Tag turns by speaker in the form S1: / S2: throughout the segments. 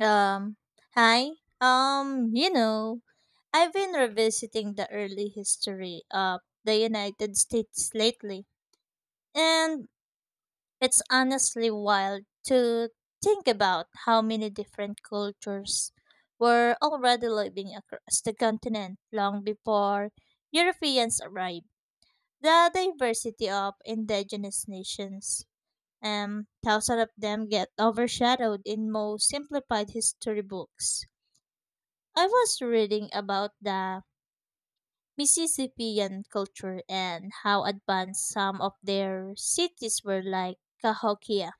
S1: Um, Hi. Um, you know, I've been revisiting the early history of the United States lately, and it's honestly wild to think about how many different cultures were already living across the continent long before Europeans arrived. The diversity of indigenous nations, and thousands of them get overshadowed in most simplified history books. I was reading about the Mississippian culture and how advanced some of their cities were like Cahokia.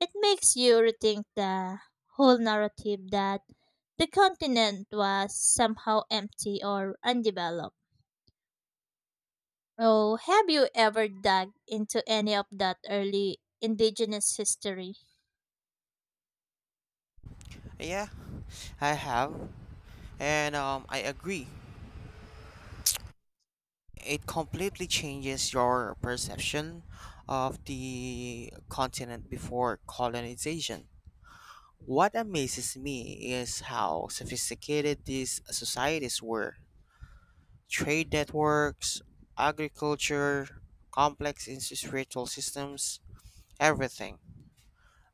S1: It makes you rethink the whole narrative that the continent was somehow empty or undeveloped. Oh, have you ever dug into any of that early indigenous history?
S2: Yeah, I have. And I agree. It completely changes your perception of the continent before colonization. What amazes me is how sophisticated these societies were. Trade networks, agriculture, complex industrial systems, everything.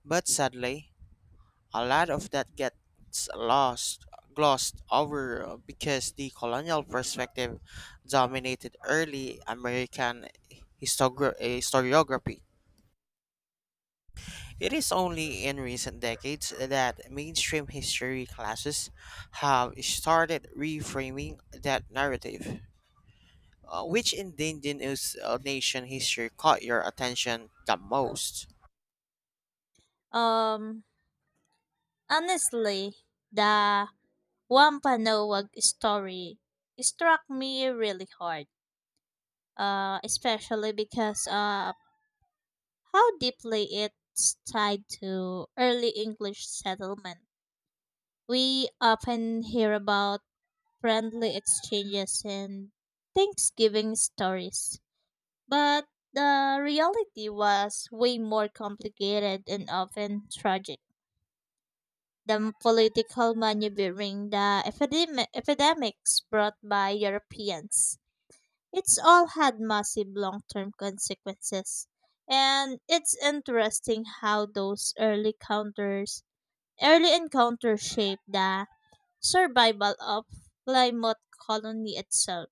S2: But sadly, a lot of that gets lost, glossed over because the colonial perspective dominated early American historiography. It is only in recent decades that mainstream history classes have started reframing that narrative. Which indigenous nation history caught your attention the most?
S1: Um, Honestly, the Wampanoag story struck me really hard, especially because how deeply it's tied to early English settlement. We often hear about friendly exchanges and Thanksgiving stories, but the reality was way more complicated and often tragic. The political maneuvering, the epidemics brought by Europeans, it's all had massive long term consequences. And it's interesting how those early encounters shape the survival of Plymouth colony itself.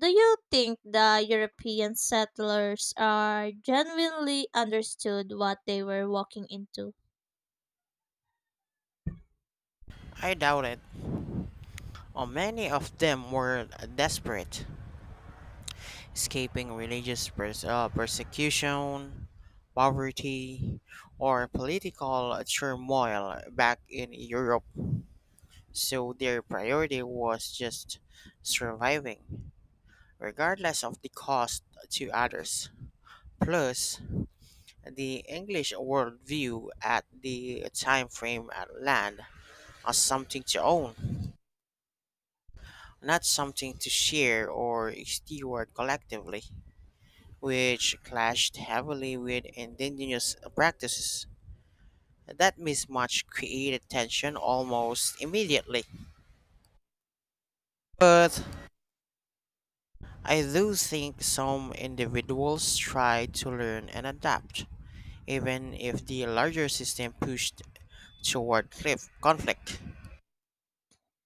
S1: Do you think the European settlers are genuinely understood what they were walking into?
S2: I doubt it. Many of them were desperate, escaping religious persecution, poverty, or political turmoil back in Europe, so their priority was just surviving, regardless of the cost to others. Plus, the English worldview at the time frame at land as something to own, not something to share or steward collectively, which clashed heavily with indigenous practices. That mismatch created tension almost immediately. But I do think some individuals tried to learn and adapt, even if the larger system pushed toward cliff conflict.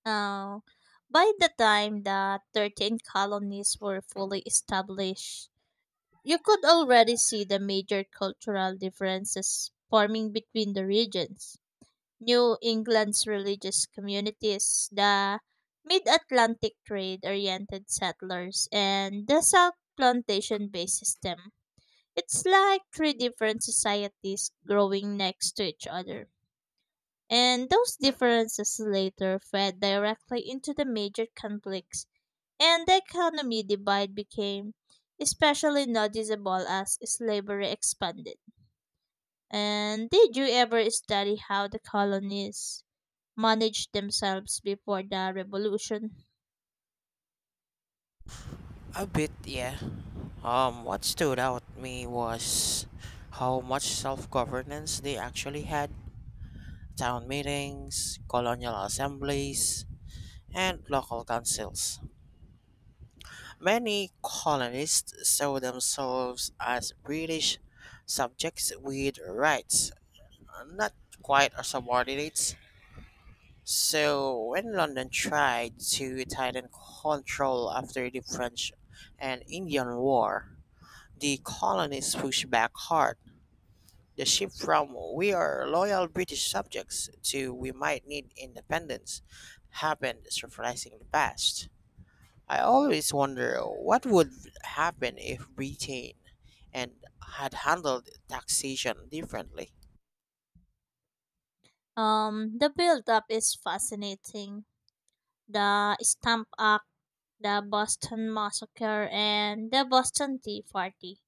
S1: Now, by the time the 13 colonies were fully established, you could already see the major cultural differences forming between the regions. New England's religious communities, the mid Atlantic trade oriented settlers, and the South plantation based system. It's like three different societies growing next to each other. And those differences later fed directly into the major conflicts and the economic divide became especially noticeable as slavery expanded. And did you ever study how the colonies managed themselves before the revolution?
S2: A bit, yeah. What stood out me was how much self-governance they actually had. Town meetings, colonial assemblies, and local councils. Many colonists saw themselves as British subjects with rights, not quite as subordinates. So, when London tried to tighten control after the French and Indian War, the colonists pushed back hard. The shift from we are loyal British subjects to we might need independence happened surprisingly fast. I always wonder what would happen if Britain and had handled taxation differently.
S1: The build-up is fascinating. The Stamp Act, the Boston Massacre, and the Boston Tea Party.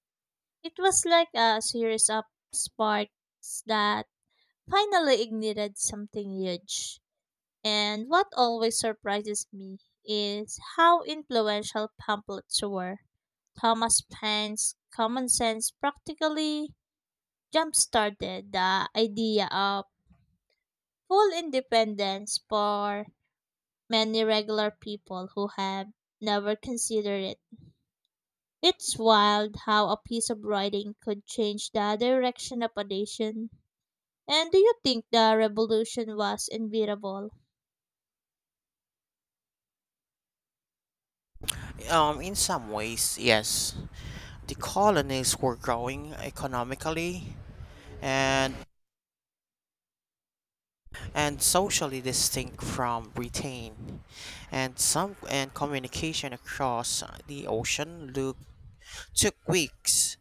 S1: It was like a series of sparks that finally ignited something huge. And what always surprises me is how influential pamphlets were. Thomas Paine's Common Sense practically jump started the idea of full independence for many regular people who have never considered it. It's wild how a piece of writing could change the direction of a nation. And do you think the revolution was inevitable?
S2: In some ways, yes, the colonies were growing economically and and socially distinct from Britain, and some and communication across the ocean look, took weeks.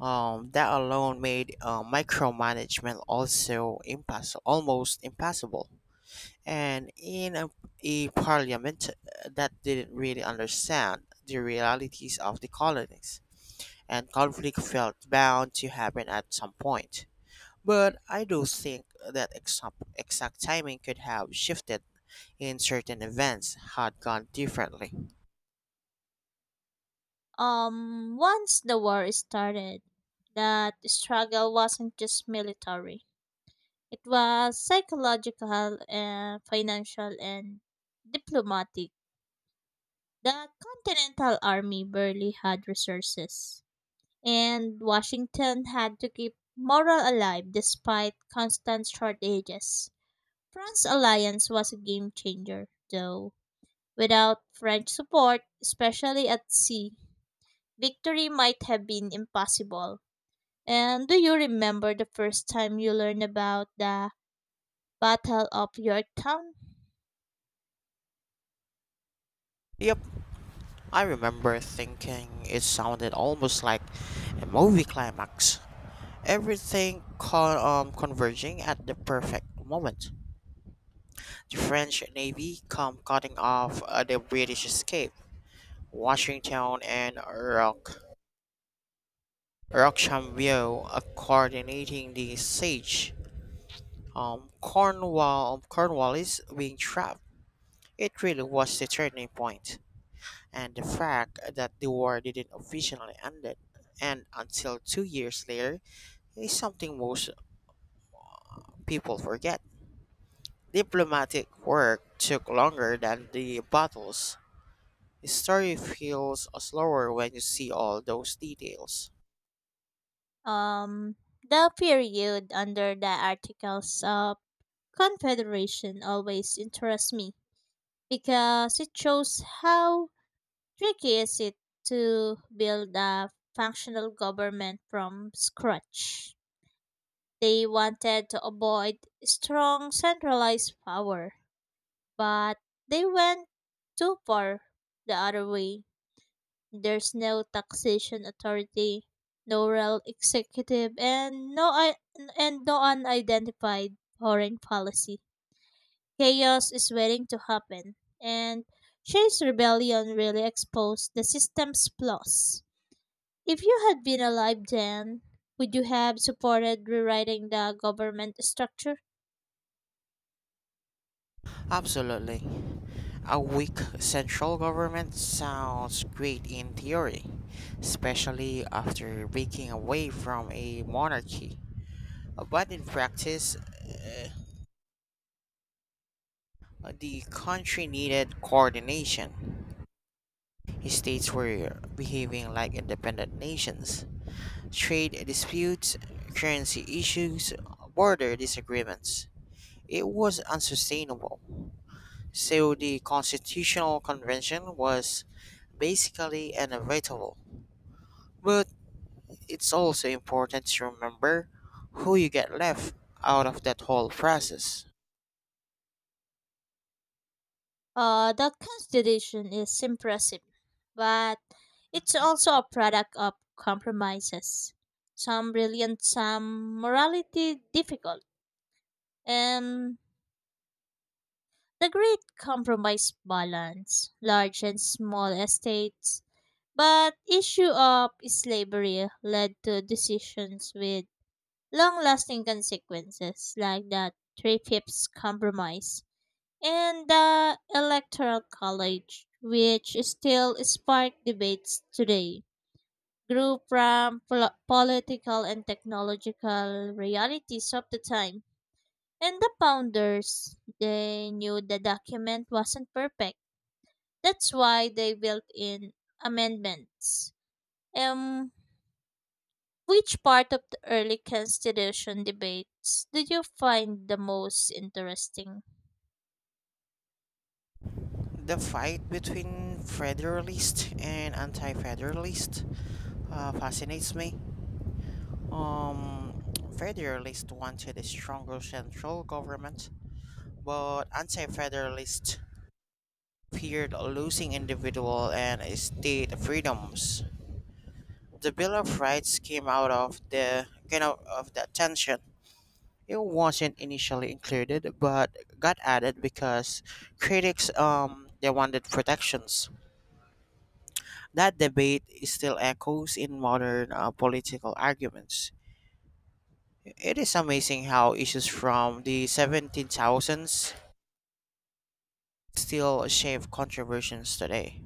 S2: That alone made micromanagement also almost impossible, and in a parliament that didn't really understand the realities of the colonies, and conflict felt bound to happen at some point. But I do think that exact timing could have shifted in certain events had gone differently.
S1: Once the war started, that struggle wasn't just military. It was psychological and financial and diplomatic. The Continental Army barely had resources, and Washington had to keep morale alive despite constant shortages. France's alliance was a game changer, though. Without French support, especially at sea, victory might have been impossible. And do you remember the first time you learned about the Battle of Yorktown?
S2: Yep, I remember thinking it sounded almost like a movie climax, everything converging at the perfect moment. The French navy come cutting off the British escape. Washington and Rochambeau coordinating the siege. Cornwallis being trapped. It really was the turning point, and the fact that the war didn't officially end it, and until 2 years later is something most people forget. Diplomatic work took longer than the battles. The story feels slower when you see all those details.
S1: Um, the period under the Articles of Confederation always interests me because it shows how tricky is it to build a functional government from scratch. They wanted to avoid strong centralized power, but they went too far the other way. There's no taxation authority, no real executive, and no unidentified foreign policy. Chaos is waiting to happen, and Shay's rebellion really exposed the system's flaws. If you had been alive then, would you have supported rewriting the government structure?
S2: Absolutely. A weak central government sounds great in theory, especially after breaking away from a monarchy. But in practice, the country needed coordination. States were behaving like independent nations. Trade disputes, currency issues, border disagreements. It was unsustainable. So the Constitutional Convention was basically inevitable. But it's also important to remember who you get left out of that whole process.
S1: The Constitution is impressive, but it's also a product of compromises. Some brilliant, some morality difficult. And the great compromise balance, large and small estates. But issue of slavery led to decisions with long-lasting consequences, like the Three-Fifths Compromise and the Electoral College, which still spark debates today, grew from political and technological realities of the time. And the founders, they knew the document wasn't perfect. That's why they built in amendments. Um, which part of the early constitution debates do you find the most interesting?
S2: The fight between Federalist and anti-Federalist fascinates me. Um, Federalists wanted a stronger central government, but anti Federalists feared losing individual and state freedoms. The Bill of Rights came out of of that tension. It wasn't initially included, but got added because critics they wanted protections. That debate is still echoes in modern political arguments. It is amazing how issues from the 17,000s still shape controversies today.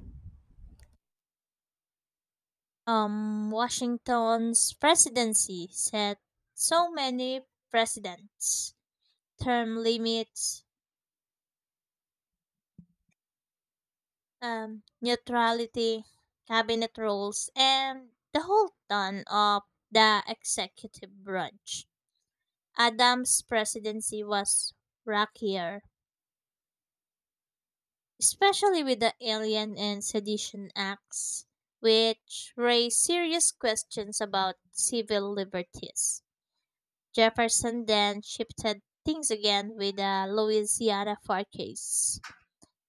S1: Washington's presidency set so many precedents, term limits, neutrality, cabinet rules, and the whole ton of the executive branch. Adams' presidency was rockier, especially with the Alien and Sedition Acts, which raised serious questions about civil liberties. Jefferson then shifted things again with the Louisiana Purchase.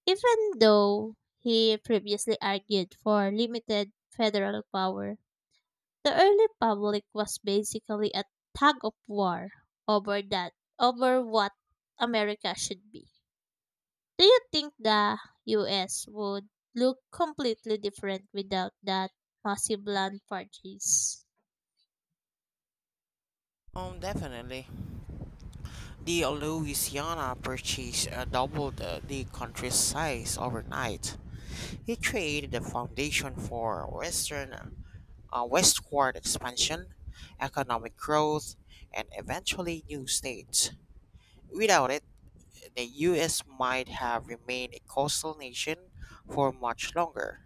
S1: Even though he previously argued for limited federal power, the early public was basically a tug of war over that over what America should be. Do you think the US would look completely different without that massive land purchase?
S2: Definitely. The Louisiana Purchase doubled the country's size overnight. He created the foundation for Western westward expansion, economic growth, and eventually new states. Without it, the US might have remained a coastal nation for much longer,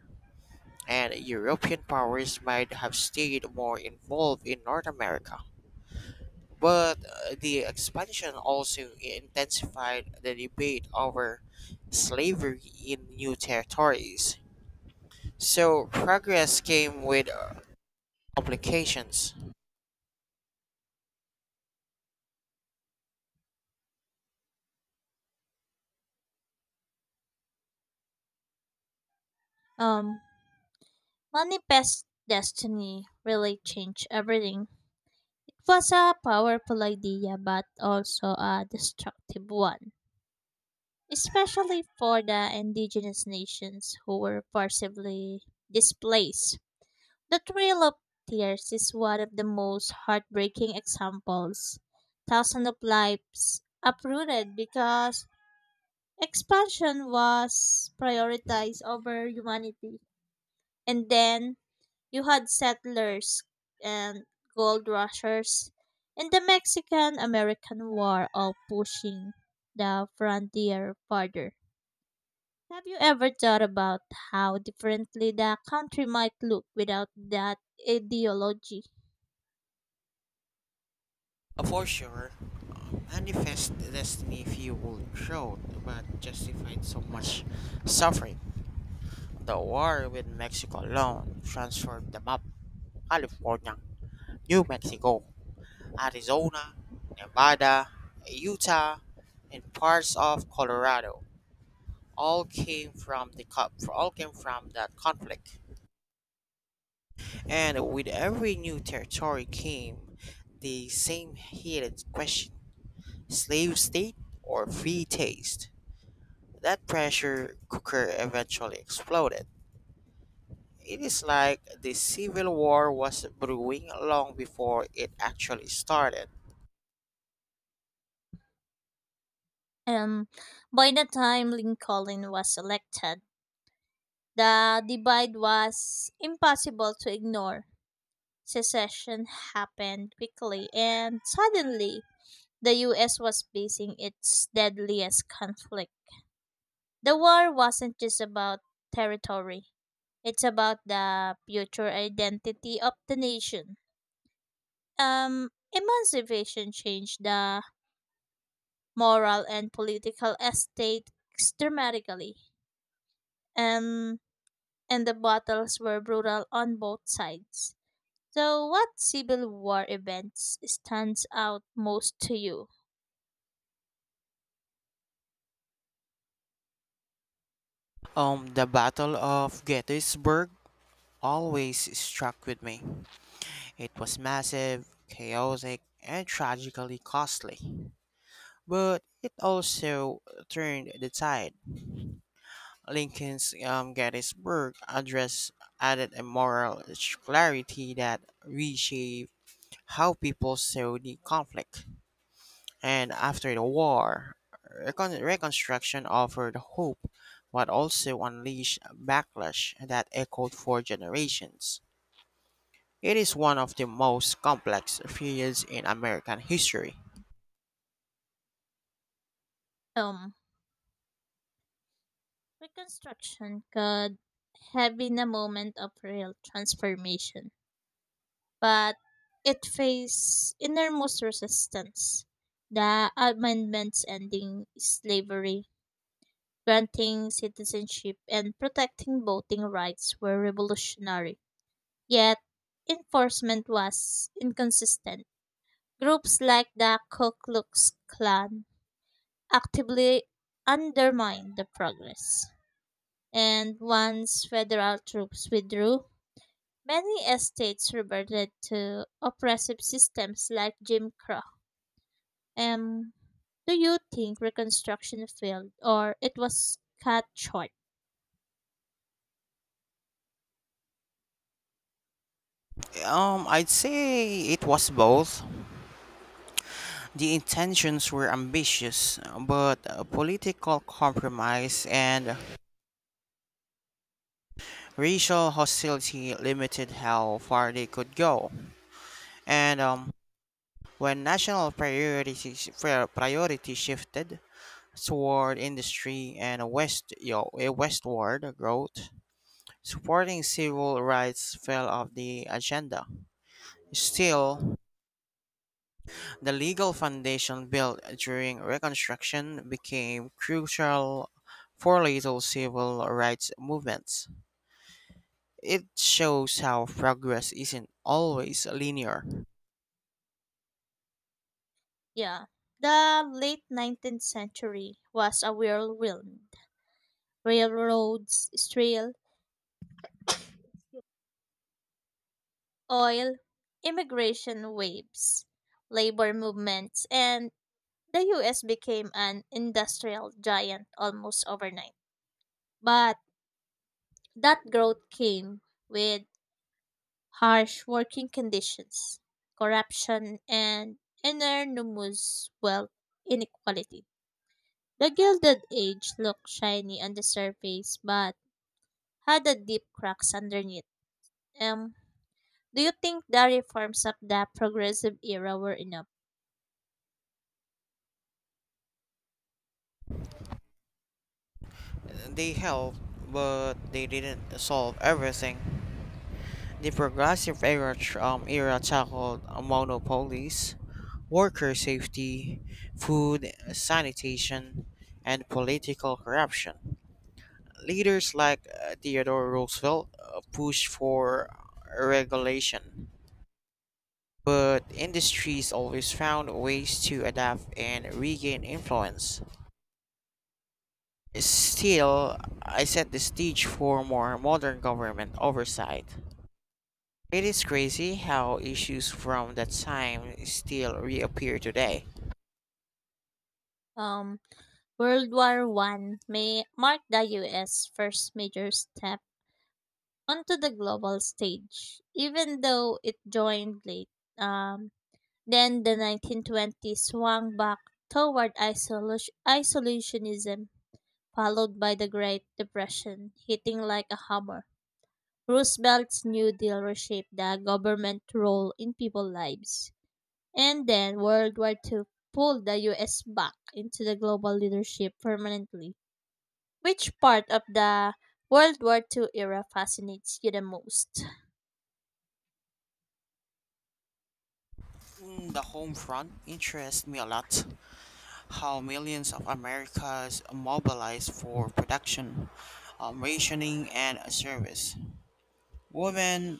S2: and European powers might have stayed more involved in North America. But the expansion also intensified the debate over slavery in new territories. So progress came with complications.
S1: Um, Manifest Destiny really changed everything. It was a powerful idea, but also a destructive one, especially for the indigenous nations who were forcibly displaced. The Trail of Tears is one of the most heartbreaking examples. Thousands of lives uprooted because expansion was prioritized over humanity. And then you had settlers and gold rushers, and the Mexican American War all pushing the frontier farther. Have you ever thought about how differently the country might look without that ideology?
S2: For sure, manifest destiny fueled growth but justified so much suffering. The war with Mexico alone transformed the map. California, New Mexico, Arizona, Nevada, Utah, and parts of Colorado all came from that conflict. And with every new territory came the same heated question: slave state, or free taste. That pressure cooker eventually exploded. It is like the Civil War was brewing long before it actually started.
S1: Um, by the time Lincoln was elected, the divide was impossible to ignore. Secession happened quickly, and suddenly the US was facing its deadliest conflict. The war wasn't just about territory. It's about the future identity of the nation. Um, Emancipation changed the moral and political estate dramatically, um, and the battles were brutal on both sides. So, what Civil War events stands out most to you?
S2: The Battle of Gettysburg always struck with me. It was massive, chaotic, and tragically costly. But it also turned the tide. Lincoln's Gettysburg Address added a moral clarity that reshaped how people saw the conflict. And after the war, Reconstruction offered hope but also unleashed a backlash that echoed for generations. It is one of the most complex periods in American history.
S1: Um, Reconstruction could have been a moment of real transformation, but it faced enormous resistance. The amendments ending slavery, granting citizenship, and protecting voting rights were revolutionary. Yet, enforcement was inconsistent. Groups like the Ku Klux Klan actively undermined the progress. And once federal troops withdrew, many estates reverted to oppressive systems like Jim Crow. Um, do you think Reconstruction failed or it was cut short?
S2: I'd say it was both. The intentions were ambitious, but political compromise and racial hostility limited how far they could go. And when national priority shifted toward industry and westward growth, supporting civil rights fell off the agenda. Still, the legal foundation built during Reconstruction became crucial for later civil rights movements. It shows how progress isn't always linear.
S1: Yeah. The late 19th century was a whirlwind. Railroads, steel, oil, immigration waves, labor movements, and the US became an industrial giant almost overnight. But that growth came with harsh working conditions, corruption, and enormous wealth inequality. The Gilded Age looked shiny on the surface but had a deep cracks underneath. Um, do you think the reforms of the progressive era were enough?
S2: They helped, but they didn't solve everything. The progressive era tackled monopolies, worker safety, food, sanitation, and political corruption. Leaders like Theodore Roosevelt pushed for regulation, but industries always found ways to adapt and regain influence. Still, I set the stage for more modern government oversight. It is crazy how issues from that time still reappear today.
S1: Um, World War I may mark the U.S. first major step onto the global stage, even though it joined late. Um, Then the 1920s swung back toward isolationism, followed by the Great Depression, hitting like a hammer. Roosevelt's New Deal reshaped the government role in people's lives. And then World War II pulled the US back into the global leadership permanently. Which part of the World War II era fascinates you the most?
S2: Mm, the home front interests me a lot. How millions of Americans mobilized for production, rationing, and service. Women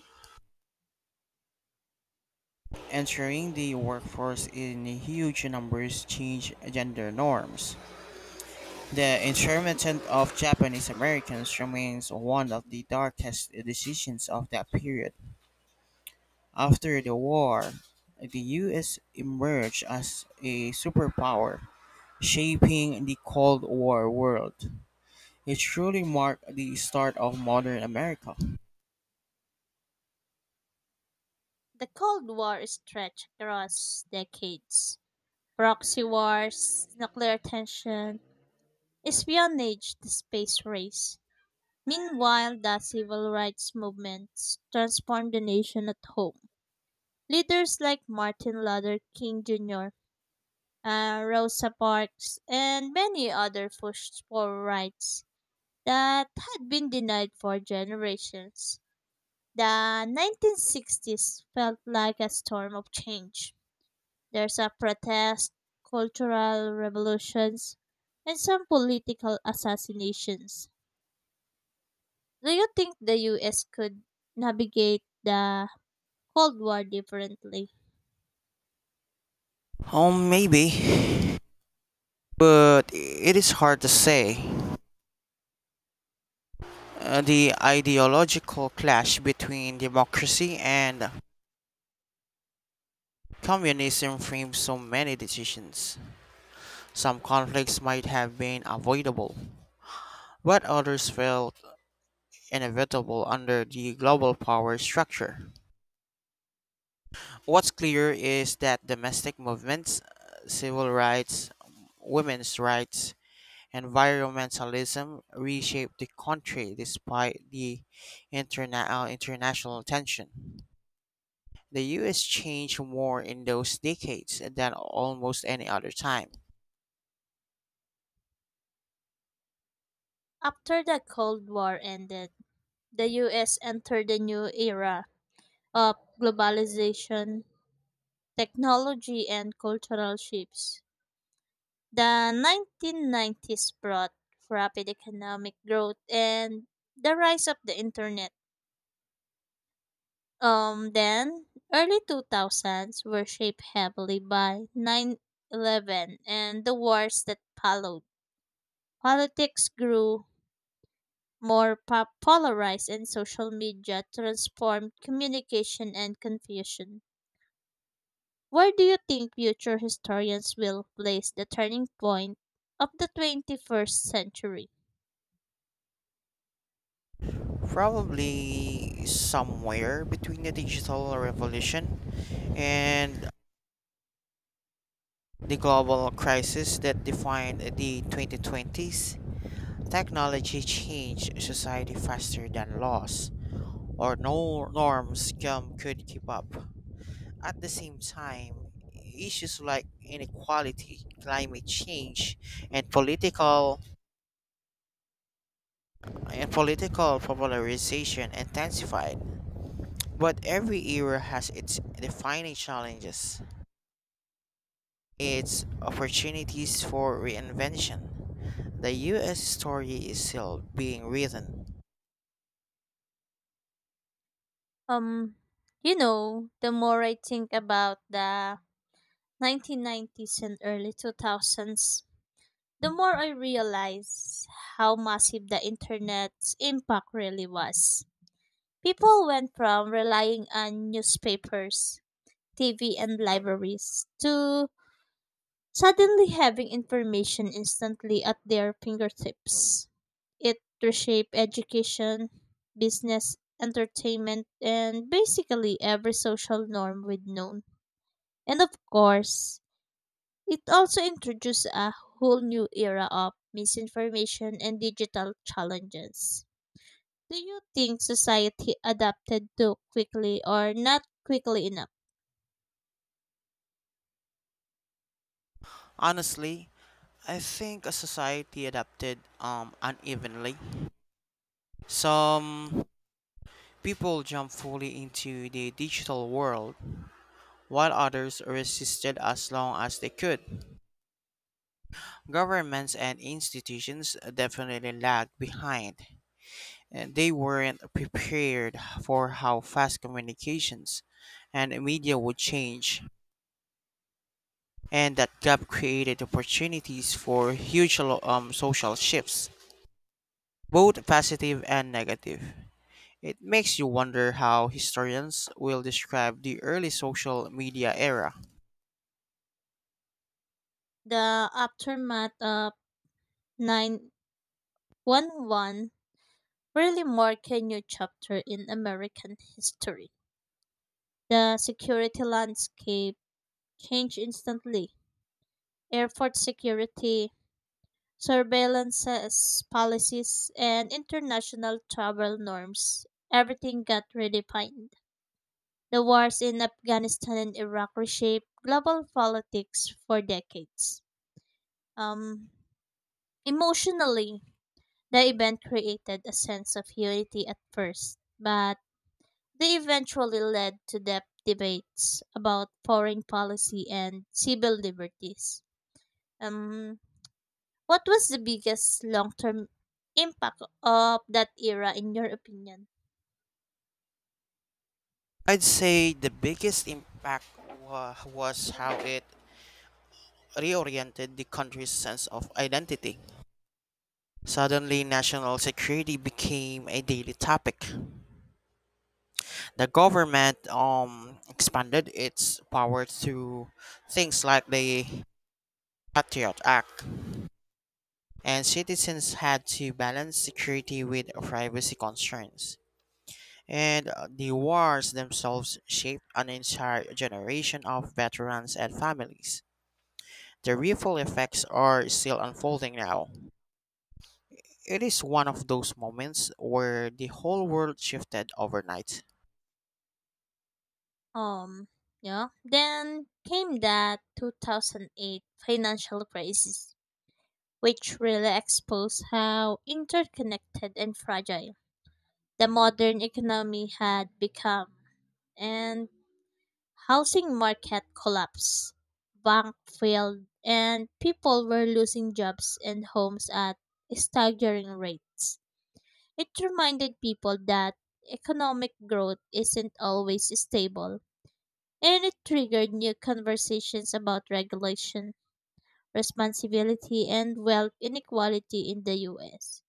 S2: entering the workforce in huge numbers changed gender norms. The internment of Japanese Americans remains one of the darkest decisions of that period. After the war, the US emerged as a superpower, shaping the Cold War world. It truly marked the start of modern America.
S1: The Cold War stretched across decades, proxy wars, nuclear tension, espionage, the space race. Meanwhile, the civil rights movements transformed the nation at home. Leaders like Martin Luther King Jr., Rosa Parks, and many other pushed for rights that had been denied for generations. The 1960s felt like a storm of change. There's a protest, cultural revolutions, and some political assassinations. Do you think the US could navigate the Cold War differently?
S2: Oh, maybe. But it is hard to say. The ideological clash between democracy and communism framed so many decisions. Some conflicts might have been avoidable, but others felt inevitable under the global power structure. What's clear is that domestic movements, civil rights, women's rights, environmentalism reshaped the country despite the international tension. The US changed more in those decades than almost any other time.
S1: After the Cold War ended, the US entered a new era of globalization, technology, and cultural shifts. The 1990s brought rapid economic growth and the rise of the internet. Then early 2000s were shaped heavily by 9/11 and the wars that followed. Politics grew more polarized and social media transformed communication and confusion. Where do you think future historians will place the turning point of the 21st century?
S2: Probably somewhere between the digital revolution and the global crisis that defined the 2020s. Technology changed society faster than laws or no norms could keep up. At the same time, issues like inequality, climate change, and political and political polarization intensified. But every era has its defining challenges, its opportunities for reinvention. The US story is still being written.
S1: Um, the more I think about the 1990s and early 2000s, the more I realized how massive the internet's impact really was. People went from relying on newspapers, TV, and libraries to suddenly having information instantly at their fingertips. It reshaped education, business, entertainment, and basically every social norm we'd known. And of course, it also introduced a whole new era of misinformation and digital challenges. Do you think society adapted too quickly or not quickly enough?
S2: Honestly, I think a society adapted unevenly. Some people jump fully into the digital world while others resisted as long as they could. Governments and institutions definitely lagged behind. And They weren't prepared for how fast communications and media would change, and that gap created opportunities for huge social shifts, both positive and negative. It makes you wonder how historians will describe the early social media era.
S1: The aftermath of 9/11 really marked a new chapter in American history. The security landscape changed instantly. Airport security surveillance policies, and international travel norms. Everything got redefined. The wars in Afghanistan and Iraq reshaped global politics for decades. Um, Emotionally, the event created a sense of unity at first, but they eventually led to depth debates about foreign policy and civil liberties. Um, What was the biggest long-term impact of that era in your opinion?
S2: I'd say the biggest impact was how it reoriented the country's sense of identity. Suddenly, national security became a daily topic. The government expanded its power to things like the Patriot Act, and citizens had to balance security with privacy concerns. And the wars themselves shaped an entire generation of veterans and families. The ripple effects are still unfolding now. It is one of those moments where the whole world shifted overnight.
S1: Um, yeah. Then came that 2008 financial crisis, which really exposed how interconnected and fragile the modern economy had become, and housing market collapsed, bank failed, and people were losing jobs and homes at staggering rates. It reminded people that economic growth isn't always stable, and it triggered new conversations about regulation, responsibility, and wealth inequality in the US.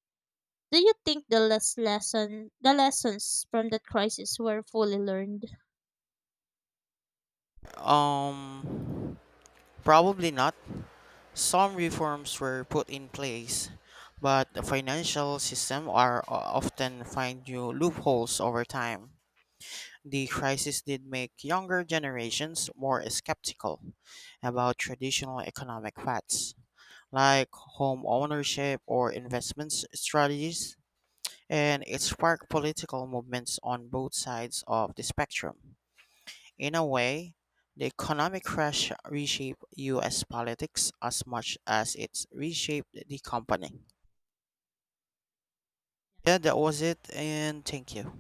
S1: Do you think the lessons from the crisis were fully learned?
S2: Um, Probably not. Some reforms were put in place, but the financial system are often find new loopholes over time. The crisis did make younger generations more skeptical about traditional economic paths, like home ownership or investment strategies, and it sparked political movements on both sides of the spectrum. In a way, the economic crash reshaped US politics as much as it reshaped the company. Yeah, that was it, and thank you.